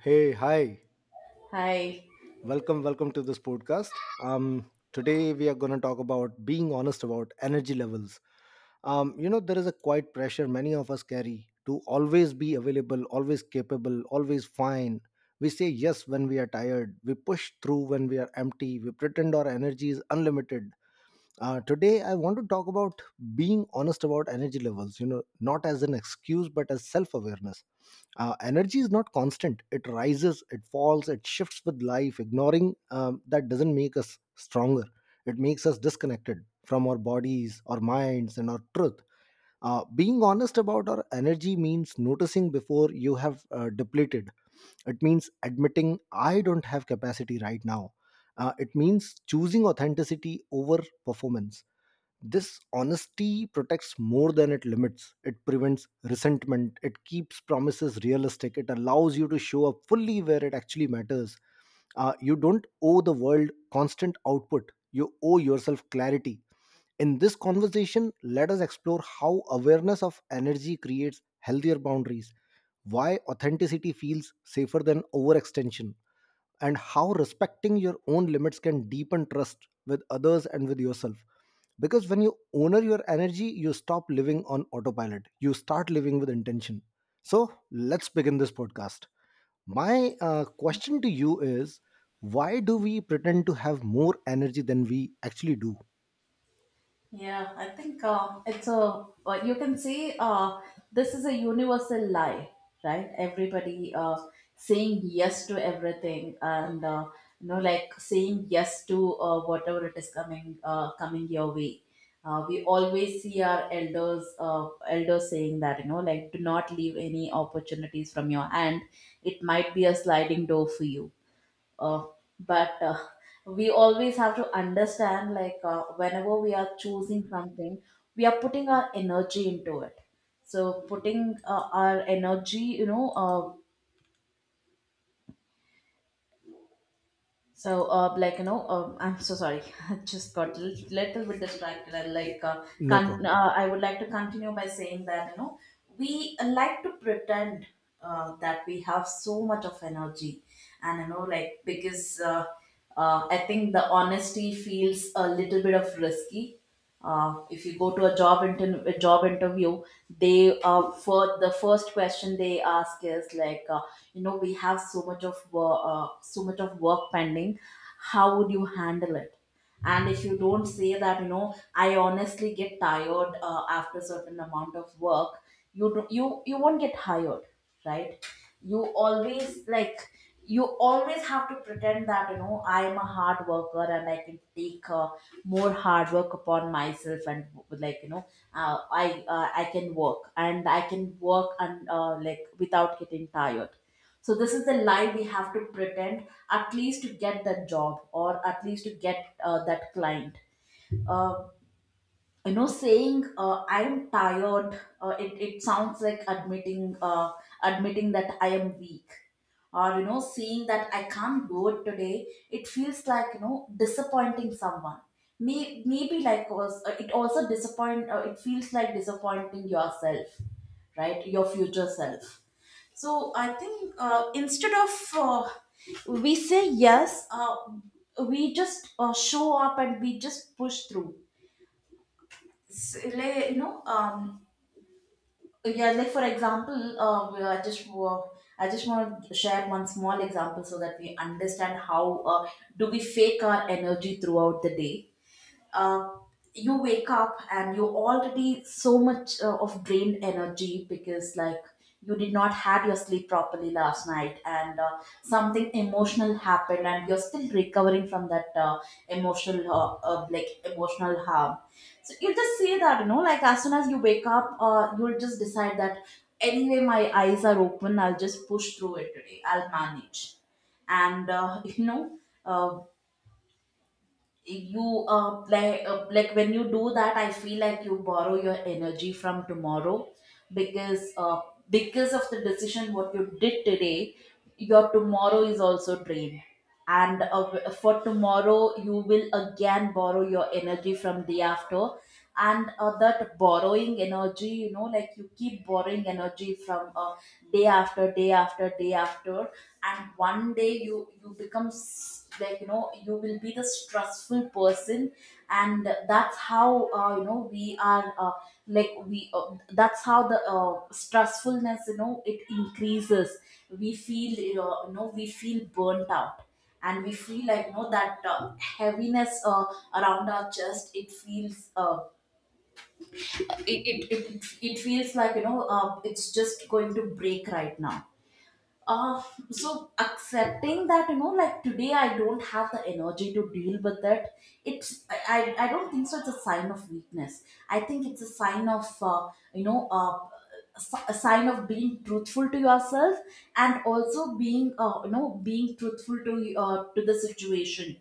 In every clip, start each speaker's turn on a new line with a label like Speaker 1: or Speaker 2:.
Speaker 1: Hey, hi.
Speaker 2: Hi.
Speaker 1: Welcome, welcome to this podcast. Today we are going to talk about being honest about energy levels. There is a quiet pressure many of us carry to always be available, always capable, always fine. We say yes when we are tired. We push through when we are empty. We pretend our energy is unlimited. Today, I want to talk about being honest about energy levels, you know, not as an excuse, but as self awareness. Energy is not constant. It rises, it falls, it shifts with life. Ignoring that doesn't make us stronger, it makes us disconnected from our bodies, our minds, and our truth. Being honest about our energy means noticing before you have depleted. It means admitting I don't have capacity right now. It means choosing authenticity over performance. This honesty protects more than it limits. It prevents resentment. It keeps promises realistic. It allows you to show up fully where it actually matters. You don't owe the world constant output, you owe yourself clarity. In this conversation, let us explore how awareness of energy creates healthier boundaries, why authenticity feels safer than overextension, and how respecting your own limits can deepen trust with others and with yourself. Because when you honor your energy, you stop living on autopilot, you start living with intention. So, let's begin this podcast. My question to you is, why do we pretend to have more energy than we actually do?
Speaker 2: Yeah, I think you can see this is a universal lie, right? Everybody saying yes to everything, and like, saying yes to whatever it is coming, coming your way. We always see our elders, elders saying that, like, do not leave any opportunities from your hand. It might be a sliding door for you, uh, but we always have to understand, like, whenever we are choosing something we are putting our energy into it. So, putting our energy. Like, I'm so sorry. I just got a little bit distracted.
Speaker 1: No problem.
Speaker 2: I would like to continue by saying that, we like to pretend that we have so much of energy. And, like, because I think the honesty feels a little bit of risky. If you go to a job interview, they for the first question they ask is like, we have so much of work pending. How would you handle it? And if you don't say that, I honestly get tired after certain amount of work you do, you won't get hired, right? You always, like, you always have to pretend that, I am a hard worker and I can take more hard work upon myself, and, like, uh, I I can work and I can work, and like, without getting tired. So this is the lie we have to pretend, at least to get that job, or at least to get that client. Uh, saying I am tired, it sounds like admitting that I am weak. Or, seeing that I can't do it today, it feels like, disappointing someone. Maybe like, it also disappoint. It feels like disappointing yourself, right? Your future self. So I think, instead of we say yes, we just show up and we just push through. Like, yeah. Like, for example, we are just I just want to share one small example so that we understand how do we fake our energy throughout the day. uh, you wake up and you're already so much of drained energy because, like, you did not had your sleep properly last night, and something emotional happened and you're still recovering from that emotional like, emotional harm. So you just say that, like, as soon as you wake up, you'll just decide that, anyway, my eyes are open, I'll just push through it today, I'll manage. And uh, you, like, when you do that, I feel like you borrow your energy from tomorrow. because uh, because of the decision what you did today, your tomorrow is also drained. And for tomorrow you will again borrow your energy from day after. And that borrowing energy, like, you keep borrowing energy from day after day after day after. And one day you become like, you will be the stressful person. And that's how, we are, like we that's how the stressfulness, it increases. We feel, we feel burnt out, and we feel like, that heaviness around our chest. It feels it, it, it, it feels like, it's just going to break right now. uh, so, accepting that, like, today I don't have the energy to deal with it, it's, I don't think so it's a sign of weakness. I think it's a sign of you know uh, a sign of being truthful to yourself, and also being, being truthful to the situation.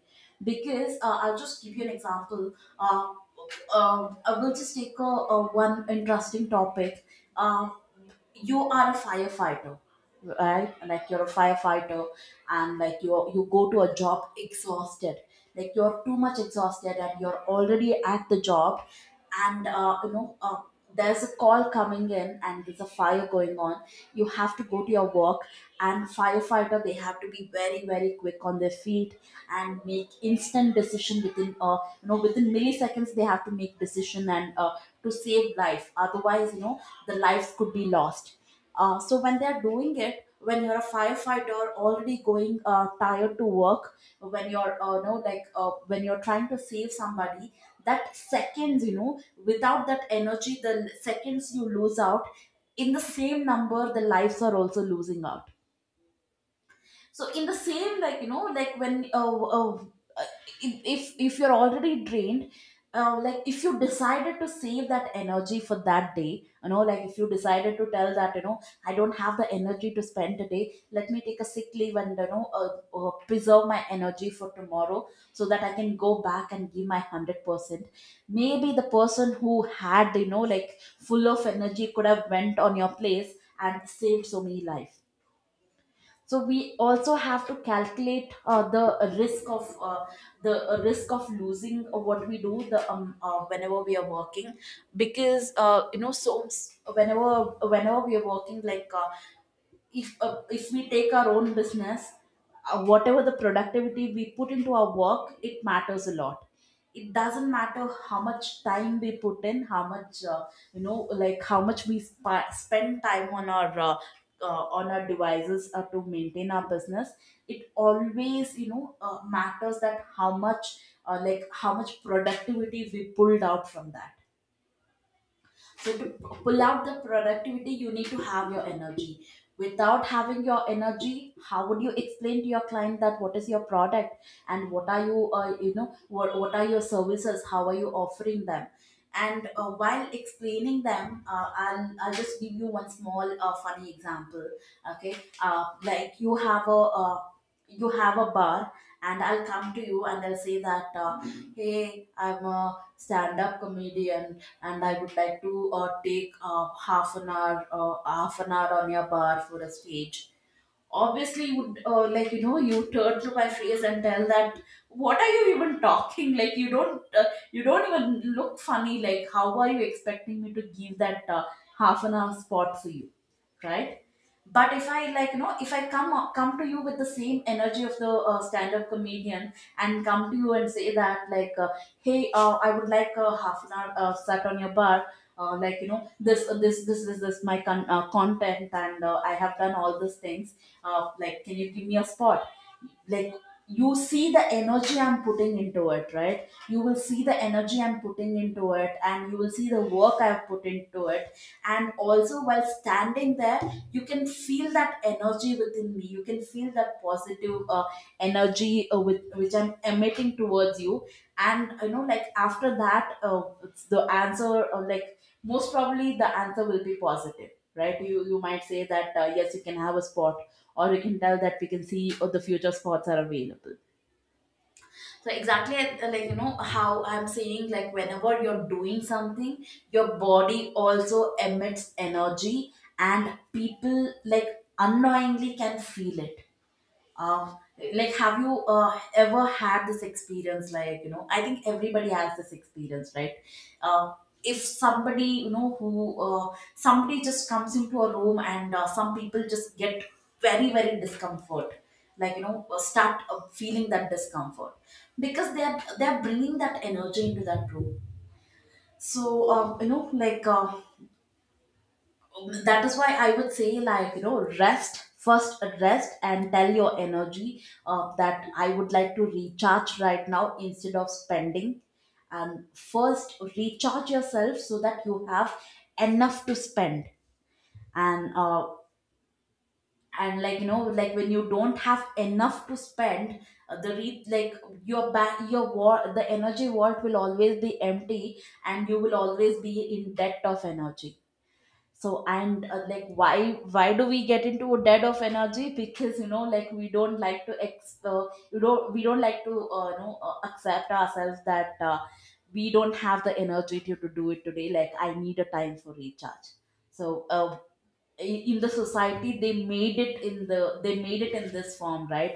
Speaker 2: Because, I'll just give you an example. uh, I will just take a one interesting topic. uh, you are a firefighter, right? Like, you're a firefighter, and, like, you go to a job exhausted. Like, you're too much exhausted and you're already at the job, and there's a call coming in and there's a fire going on. You have to go to your work. And firefighter, they have to be very, very quick on their feet, and make instant decision within, within milliseconds they have to make decision, and to save life, otherwise, the lives could be lost. So when they're doing it, when you're a firefighter already going tired to work, when you're know like when you're trying to save somebody, that seconds, without that energy, the seconds you lose out. In the same number, the lives are also losing out. So, in the same, like, like, when uh, if you're already drained, like, if you decided to save that energy for that day, like, if you decided to tell that, I don't have the energy to spend today, let me take a sick leave, and, preserve my energy for tomorrow, so that I can go back and give my 100%. Maybe the person who had, like, full of energy could have went on your place and saved so many lives. So we also have to calculate the risk of, the risk of losing what we do, the whenever we are working. Because, whenever we are working, like, if we take our own business, whatever the productivity we put into our work, it matters a lot. It doesn't matter how much time we put in, how much, like, how much we spend time on our devices to maintain our business. It always, matters that how much like, how much productivity we pulled out from that. So, to pull out the productivity, you need to have your energy. Without having your energy, how would you explain to your client that what is your product, and what are you, what are your services? How are you offering them? And while explaining them, I'll just give you one small funny example. Okay, like, you have a bar, and I'll come to you and I'll say that, hey, I'm a stand-up comedian and I would like to take half an hour on your bar for a stage. Obviously, you would, you turn to my face and tell that, what are you even talking? Like, you don't even look funny. Like, how are you expecting me to give that half an hour spot for you, right? But if I, like, if I come to you with the same energy of the stand up comedian, and come to you and say that, like, hey, I would like a half an hour sat on your bar. Like, this this my content, and I have done all these things. Like, can you give me a spot? Like, you see the energy I'm putting into it, right? You will see the energy I'm putting into it, and you will see the work I've put into it. And also, while standing there, you can feel that energy within me. You can feel that positive energy with which I'm emitting towards you. And, like, after that, it's the answer, like, most probably, the answer will be positive, right? You might say that, yes, you can have a spot, or we can tell that we can see what the future spots are available. So exactly, like you know how I'm saying, like whenever you're doing something, your body also emits energy, and people like unknowingly can feel it. um like have you ever had this experience? Like you know, I think everybody has this experience, right? uh, if somebody, you know, who somebody just comes into a room and some people just get very very discomfort, like you know, start feeling that discomfort because they're bringing that energy into that room. So you know, like that is why I would say, like you know, rest first, rest and tell your energy that I would like to recharge right now instead of spending, and first recharge yourself so that you have enough to spend. and uh, and like you know, like when you don't have enough to spend, like your back your war the energy vault will always be empty, and you will always be in debt of energy. So and Like why do we get into a dead of energy? Because you know, like we don't like to ex you don't we don't like to you know accept ourselves that we don't have the energy to do it today. Like I need a time for recharge. so uh, in the society, they made it in this form, right?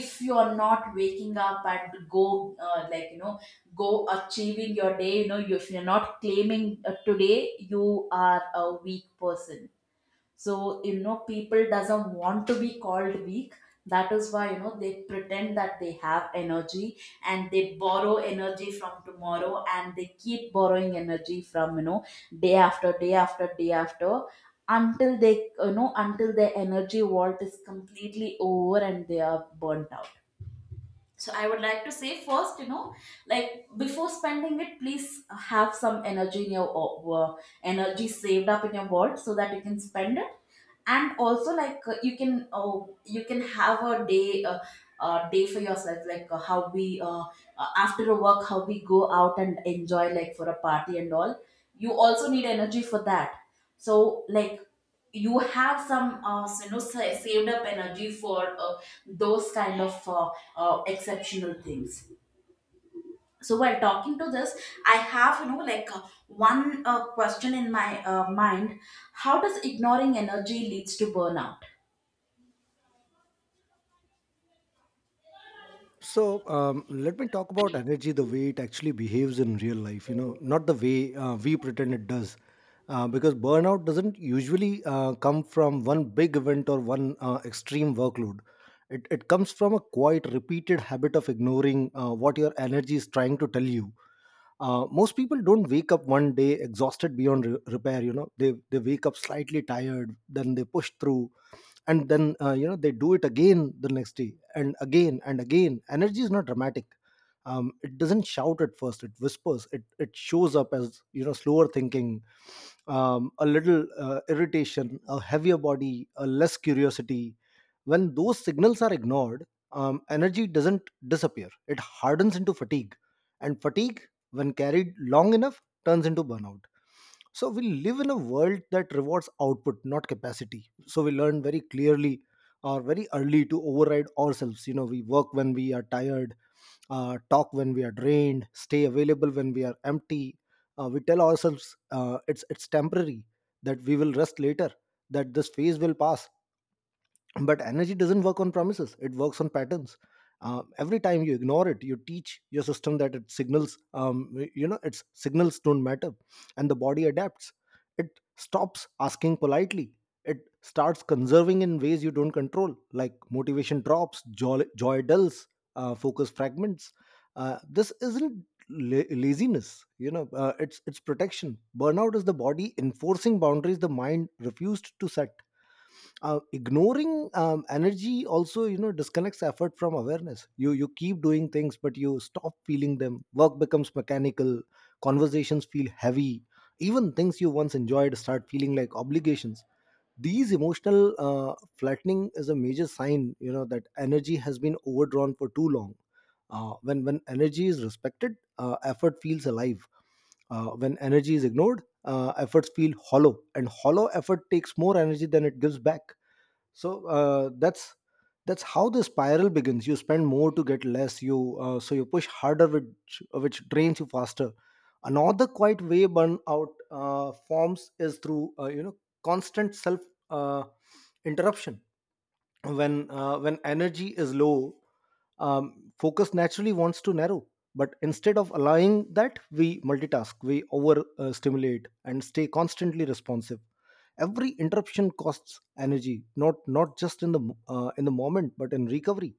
Speaker 2: If you are not waking up and go like you know, go achieving your day, you know, if you're not claiming today, you are a weak person. So you know, people doesn't want to be called weak. That is why, you know, they pretend that they have energy, and they borrow energy from tomorrow, and they keep borrowing energy from, you know, day after day after day after, until they, you know, until their energy vault is completely over and they are burnt out. So I would like to say first, you know, like before spending it, please have some energy in your uh, energy saved up in your vault so that you can spend it. And also like, you can oh, you can have a day, day for yourself, like how we after a work, how we go out and enjoy, like for a party and all. You also need energy for that. So like, you have some you know, saved up energy for those kind of exceptional things. So while talking to this, I have, you know, like one question in my mind. How does ignoring energy leads to burnout?
Speaker 1: So let me talk about energy the way it actually behaves in real life, you know, not the way we pretend it does. Because burnout doesn't usually come from one big event or one extreme workload. It comes from a quite repeated habit of ignoring what your energy is trying to tell you. Most people don't wake up one day exhausted beyond repair. You know, they wake up slightly tired, then they push through, and then you know, they do it again the next day, and again and again. Energy is not dramatic. It doesn't shout at first. It whispers. It shows up as, you know, slower thinking, a little irritation, a heavier body, a less curiosity. When those signals are ignored, energy doesn't disappear. It hardens into fatigue, and fatigue, when carried long enough, turns into burnout. So we live in a world that rewards output, not capacity. So we learn very clearly or very early to override ourselves. You know, we work when we are tired, talk when we are drained, stay available when we are empty. We tell ourselves it's temporary that we will rest later, that this phase will pass. But energy doesn't work on promises, it works on patterns. Every time you ignore it, you teach your system that it signals, you know, its signals don't matter. And the body adapts. It stops asking politely. It starts conserving in ways you don't control, like motivation drops, joy dulls, focus fragments. This isn't laziness, you know. It's protection. Burnout is the body enforcing boundaries the mind refused to set. Ignoring energy also, you know, disconnects effort from awareness. You keep doing things, but you stop feeling them. Work becomes mechanical, conversations feel heavy, even things you once enjoyed start feeling like obligations. These emotional flattening is a major sign, you know, that energy has been overdrawn for too long. When energy is respected, effort feels alive. When energy is ignored, efforts feel hollow, and hollow effort takes more energy than it gives back. So that's how the spiral begins. You spend more to get less. You uh, so you push harder, which drains you faster. Another quite way burnout forms is through, constant self uh, interruption. When energy is low, focus naturally wants to narrow, but instead of allowing that, we multitask, we over stimulate, and stay constantly responsive. Every interruption costs energy, not just in the in the moment, but in recovery.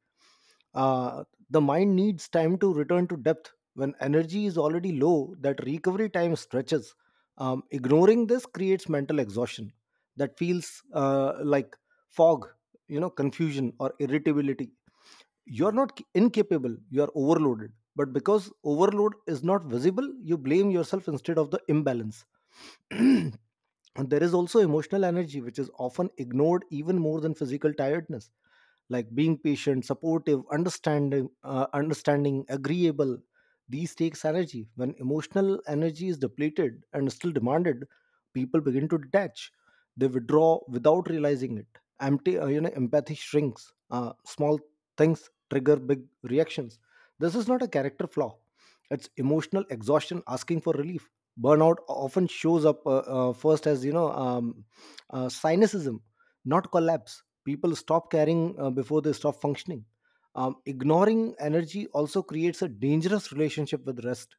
Speaker 1: uh, the mind needs time to return to depth. When energy is already low, that recovery time stretches. Ignoring this creates mental exhaustion that feels like fog, you know, confusion or irritability. You're not incapable, you're overloaded. But because overload is not visible, you blame yourself instead of the imbalance. And there is also emotional energy, which is often ignored even more than physical tiredness, like being patient, supportive, understanding, agreeable. These takes energy. When emotional energy is depleted and still demanded, people begin to detach. They withdraw without realizing it. Empathy shrinks. Small things trigger big reactions. This is not a character flaw. It's emotional exhaustion asking for relief. Burnout often shows up first as, you know, cynicism, not collapse. People stop caring before they stop functioning. Ignoring energy also creates a dangerous relationship with rest.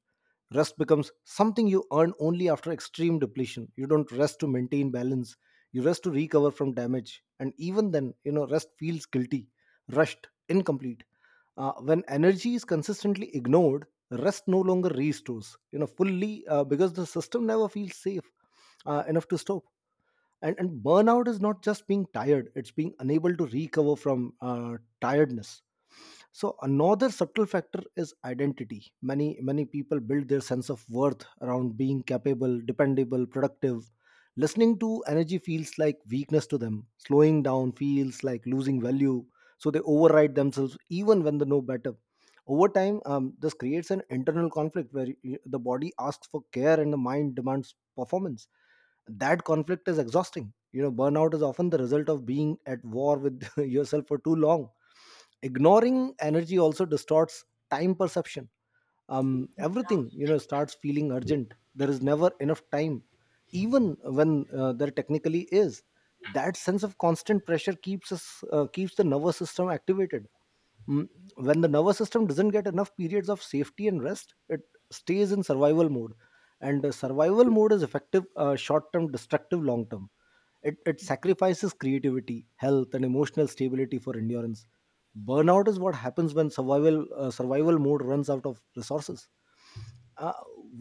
Speaker 1: Rest becomes something you earn only after extreme depletion. You don't rest to maintain balance, you rest to recover from damage. And even then, you know, rest feels guilty, rushed, incomplete. When energy is consistently ignored, rest no longer restores, you know, fully, because the system never feels safe enough to stop. And burnout is not just being tired, it's being unable to recover from tiredness. So another subtle factor is identity. Many people build their sense of worth around being capable, dependable, productive. Listening to energy feels like weakness to them. Slowing down feels like losing value. So they override themselves even when they know better. Over time, this creates an internal conflict where the body asks for care and the mind demands performance. That conflict is exhausting. You know, burnout is often the result of being at war with yourself for too long. Ignoring energy also distorts time perception. Um, everything, you know, starts feeling urgent. There is never enough time, even when there technically is. That sense of constant pressure keeps us, keeps the nervous system activated. Mm, when the nervous system doesn't get enough periods of safety and rest, it stays in survival mode. And survival mode is effective, short term, destructive long term. It sacrifices creativity, health, and emotional stability for endurance. Burnout is what happens when survival mode runs out of resources. Uh,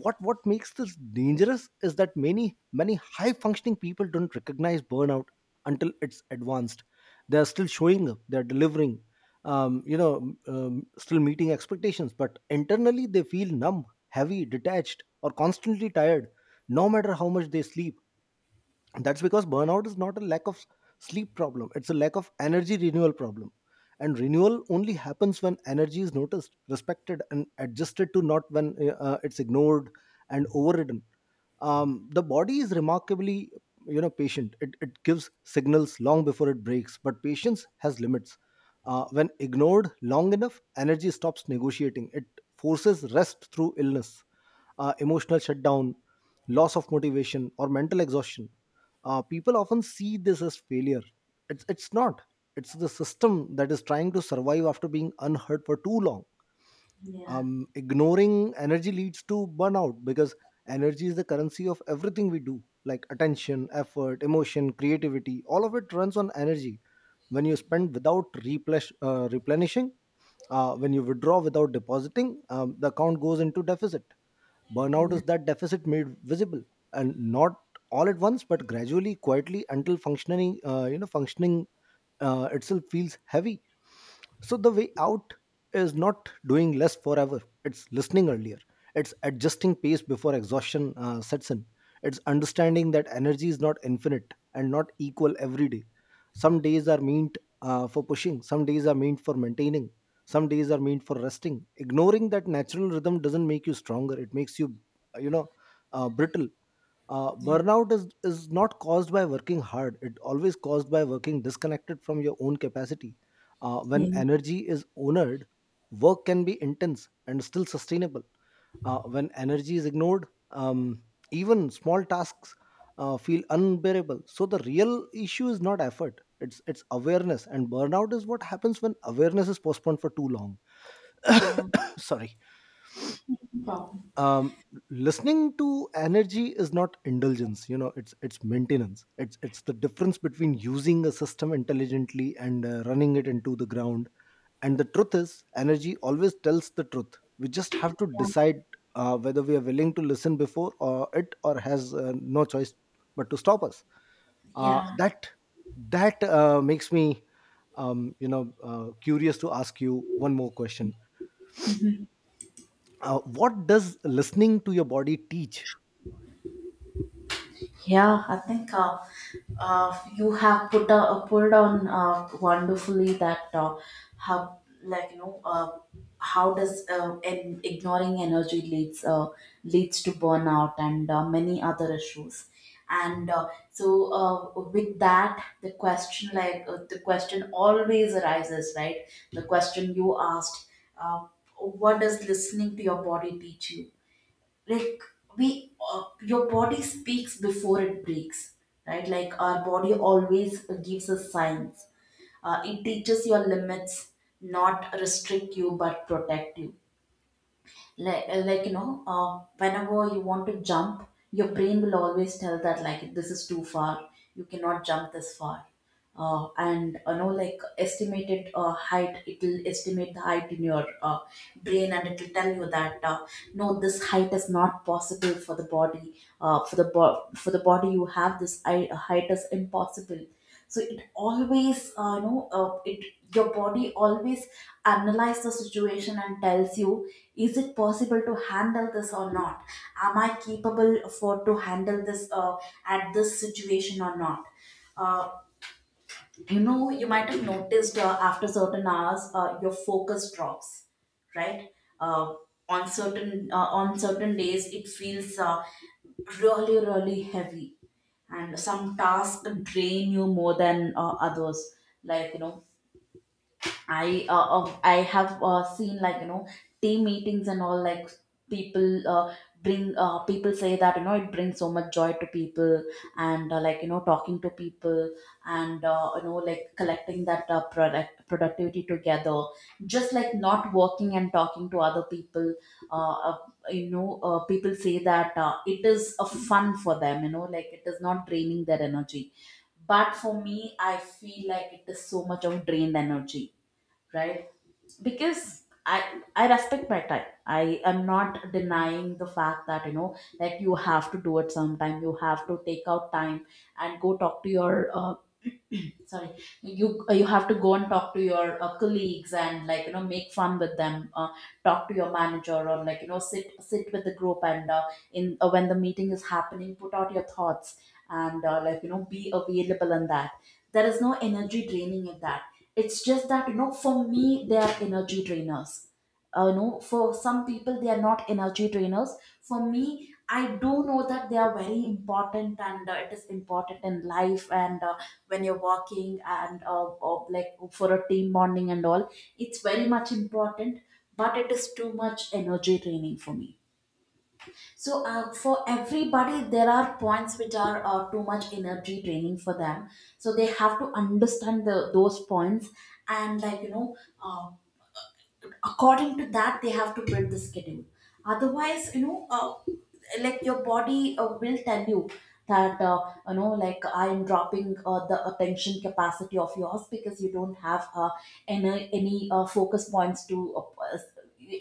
Speaker 1: what makes this dangerous is that many high functioning people don't recognize burnout until it's advanced. They are still showing up, they are delivering, still meeting expectations, but internally they feel numb, heavy, detached, or constantly tired, no matter how much they sleep. And that's because burnout is not a lack of sleep problem, it's a lack of energy renewal problem. And renewal only happens when energy is noticed, respected, and adjusted to, not when it's ignored and overridden. The body is remarkably, you know, patient. It gives signals long before it breaks, but patience has limits. When ignored long enough, energy stops negotiating. It forces rest through illness, emotional shutdown, loss of motivation, or mental exhaustion. People often see this as failure. It's not. It's the system that is trying to survive after being unheard for too long.
Speaker 2: Yeah,
Speaker 1: Ignoring energy leads to burnout because energy is the currency of everything we do, like attention, effort, emotion, creativity. All of it runs on energy. When you spend without replenishing, when you withdraw without depositing, the account goes into deficit. Burnout is that deficit made visible, and not all at once, but gradually, quietly, until functioning itself feels heavy. So the way out is not doing less forever. It's listening earlier. It's adjusting pace before exhaustion sets in. It's understanding that energy is not infinite and not equal every day. Some days are meant for pushing, some days are meant for maintaining, some days are meant for resting. Ignoring that natural rhythm doesn't make you stronger, it makes you, uh, you know, brittle. uh,
Speaker 2: yeah,
Speaker 1: burnout is is not caused by working hard, it always caused by working disconnected from your own capacity. When
Speaker 2: Yeah.
Speaker 1: energy is honored, work can be intense and still sustainable. When energy is ignored, even small tasks feel unbearable. So the real issue is not effort, it's awareness, and burnout is what happens when awareness is postponed for too long.
Speaker 2: yeah.
Speaker 1: Sorry.
Speaker 2: No problem.
Speaker 1: um Listening to energy is not indulgence, you know, it's maintenance. It's the difference between using a system intelligently and running it into the ground. And the truth is, energy always tells the truth. We just have to decide whether we are willing to listen before, or it or has no choice but to stop us. uh,
Speaker 2: Yeah,
Speaker 1: that that uh, makes me, curious to ask you one more question. What does listening to your body teach?
Speaker 2: yeah. I think you have put on wonderfully that how, like you know, how does ignoring energy leads leads to burnout and many other issues. And so With that, the question, like the question always arises, right? The question you asked, uh, what does listening to your body teach you? Like we your body speaks before it breaks, right? Like our body always gives us signs. It teaches your limits, not restrict you but protect you. Like you know, whenever you want to jump, your brain will always tell that, like, this is too far, you cannot jump this far. And you know, like estimated height, it will estimate the height in your brain, and it will tell you that no, this height is not possible for the body. For the body you have, height is impossible. So it always you know, it your body always analyze the situation and tells you, is it possible to handle this or not? Am I capable for to handle this at this situation or not? uh, you know, you might have noticed, after certain hours, your focus drops, right? uh, on certain on certain days, it feels really really heavy, and some tasks drain you more than others. Like you know, I have seen, like you know, team meetings and all, like people, bring people say that, you know, it brings so much joy to people, and like you know, talking to people, and you know, like collecting that productivity together, just like not working and talking to other people. uh, uh, you know, people say that it is a fun for them, you know, like it is not draining their energy, but for me, I feel like it is so much of drained energy, right? Because I respect my time. I am not denying the fact that, you know, like you have to do it sometime, you have to take out time, and go talk to your sorry, you you have to go and talk to your colleagues, and like you know, make fun with them, talk to your manager, or like you know, sit with the group, and in when the meeting is happening, put out your thoughts, and like you know, be available in that. There is no energy draining in that, it's just that, you know, for me they are energy drainers. You know, for some people they are not energy drainers. For me, I do know that they are very important, and it is important in life, and when you're working, and or like for a team bonding and all, it's very much important, but it is too much energy draining for me. So for everybody, there are points which are too much energy draining for them. So they have to understand the those points, and like you know, uh, according to that, they have to build the schedule. Otherwise, you know, like your body will tell you that you know, like I am dropping the attention capacity of yours, because you don't have any focus points to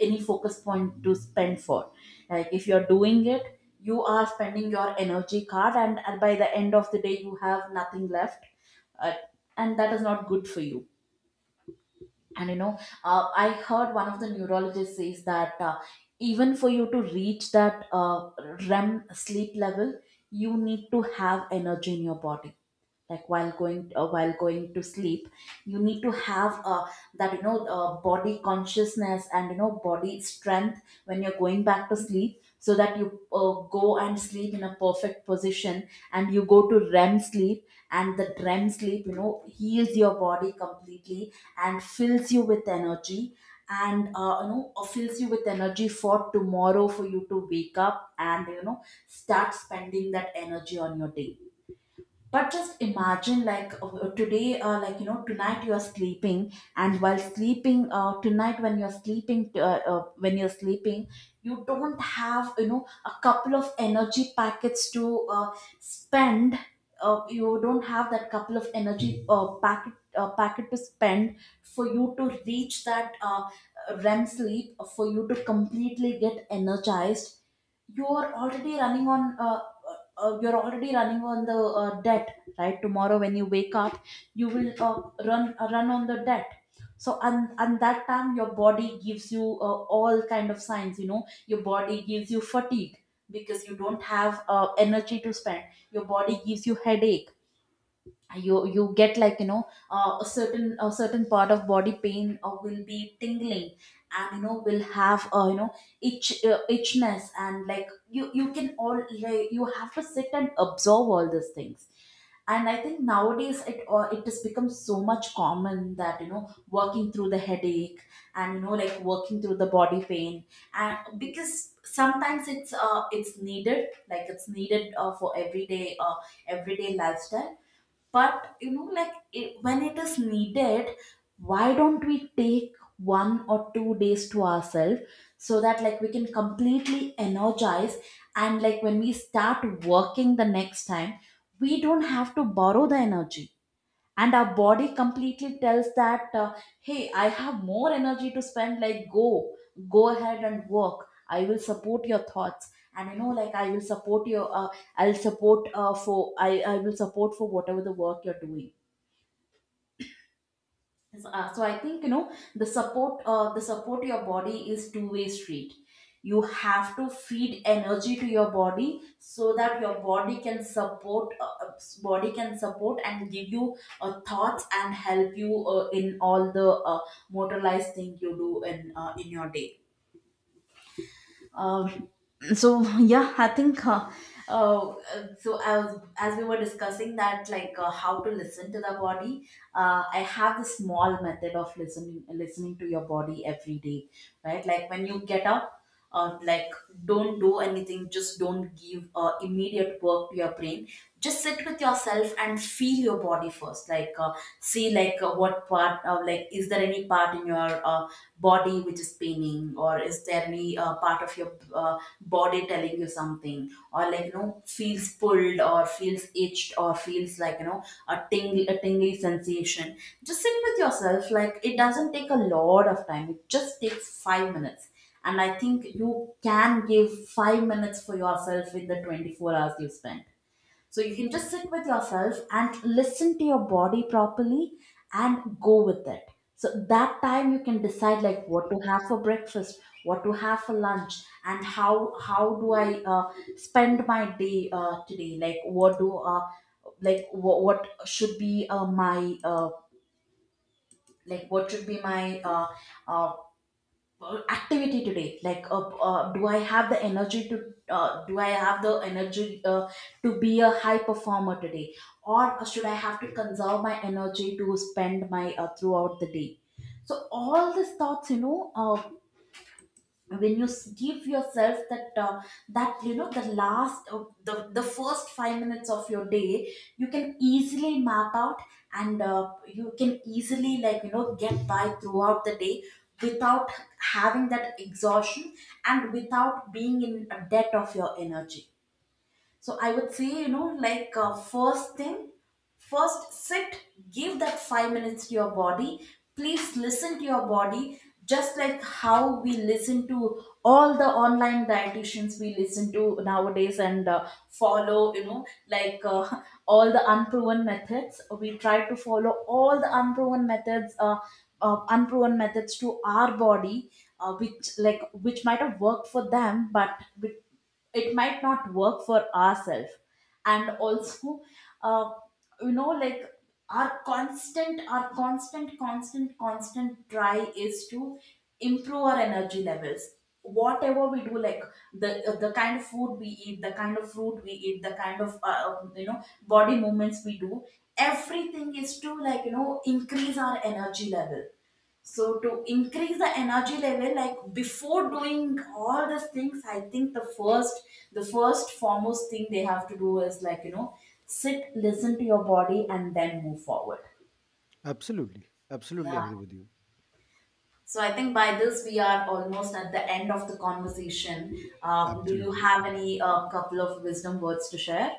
Speaker 2: any focus point to spend for. Like if you're doing it, you are spending your energy card, and by the end of the day you have nothing left, uh, and that is not good for you. And you know, I heard one of the neurologists says that even for you to reach that REM sleep level, you need to have energy in your body. Like while going to sleep, you need to have that you know body consciousness and, you know, body strength when you're going back to sleep, so that you go and sleep in a perfect position, and you go to REM sleep, and the REM sleep, you know, heals your body completely and fills you with energy, and you know, fills you with energy for tomorrow for you to wake up and, you know, start spending that energy on your day. But just imagine, like like you know, tonight you are sleeping, and while sleeping, tonight when you're sleeping, you don't have, you know, a couple of energy packets to spend. You don't have that couple of energy packet to spend for you to reach that REM sleep, for you to completely get energized. You're already running on you're already running on the debt, right? Tomorrow when you wake up, you will run on the debt. So and that time your body gives you all kind of signs, you know. Your body gives you fatigue because you don't have energy to spend. Your body gives you headache. You get, like you know, a certain part of body pain will be tingling, and you know, will have you know, itchness, and like you can all like, you have to sit and absorb all these things. And I think nowadays it it has become so much common that you know, working through the headache, and you know, like working through the body pain, and because sometimes it's needed, like it's needed for everyday lifestyle. But you know, like it, when it is needed, why don't we take one or two days to ourselves so that, like, we can completely energize, and like when we start working the next time, we don't have to borrow the energy, and our body completely tells that hey, I have more energy to spend, like go, go ahead and work. I will support your thoughts, and you know, like I will support your I will support for whatever the work you're doing. Yes, so I think, you know, the support to your body is two-way street. You have to feed energy to your body, so that your body can support body can support and give you thoughts and help you in all the motorized thing you do in your day. uh, so yeah, I think uh, so. As we were discussing that, like how to listen to the body, I have this small method of listening to your body every day, right? Like when you get up, uh, like don't do anything, just don't give immediate work to your brain. Just sit with yourself and feel your body first. Like see, like what part, of like is there any part in your body which is paining, or is there any part of your body telling you something, or like you know feels pulled or feels itched or feels like you know a tingly sensation. Just sit with yourself. Like, it doesn't take a lot of time, it just takes 5 minutes, and I think you can give 5 minutes for yourself in the 24 hours you spend. So you can just sit with yourself and listen to your body properly and go with it. So that time you can decide like what to have for breakfast, what to have for lunch, and how do I spend my day today? Like what do what should be my what should be my uh, activity today? Like do I have the energy to be a high performer today, or should I have to conserve my energy to spend my throughout the day? So all these thoughts, you know, when you give yourself that that, you know, the last the first 5 minutes of your day, you can easily map out and you can easily like you know get by throughout the day without having that exhaustion and without being in a debt of your energy. So I would say, you know, like first thing, first sit, give that 5 minutes to your body. Please listen to your body, just like how we listen to all the online dietitians we listen to nowadays and follow, you know, all the unproven methods. We try to follow all the unproven methods to our body, which like which might have worked for them, but it might not work for ourselves. And also, uh, you know, like our constant try is to improve our energy levels. Whatever we do, like the kind of food we eat, the kind of fruit we eat, the kind of you know body movements we do, everything is to like you know increase our energy level. So to increase the energy level, like before doing all these things, I think the first foremost thing they have to do is like you know, sit, listen to your body, and then move forward.
Speaker 1: Absolutely. Absolutely
Speaker 2: Yeah.
Speaker 1: agree with you.
Speaker 2: So I think by this we are almost at the end of the conversation. Do you
Speaker 1: Absolutely.
Speaker 2: have any couple of wisdom words to share?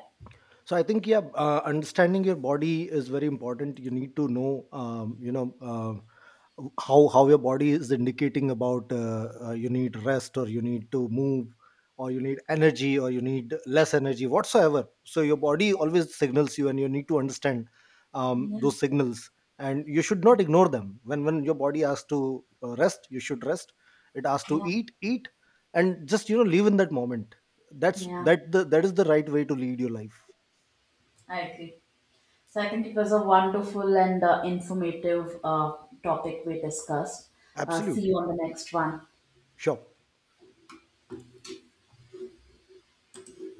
Speaker 1: So I think, yeah, understanding your body is very important. You need to know, how your body is indicating about you need rest, or you need to move, or you need energy, or you need less energy, whatsoever. So your body always signals you, and you need to understand
Speaker 2: Yeah,
Speaker 1: those signals, and you should not ignore them. When your body asks to rest, you should rest. It asks to
Speaker 2: yeah,
Speaker 1: eat, eat, and just, you know, live in that moment. that's
Speaker 2: yeah.
Speaker 1: that the, that is the right way to lead your life.
Speaker 2: I agree. So I think it was a wonderful and informative topic we discussed. See
Speaker 1: Absolutely.
Speaker 2: you on the next one.
Speaker 1: Sure.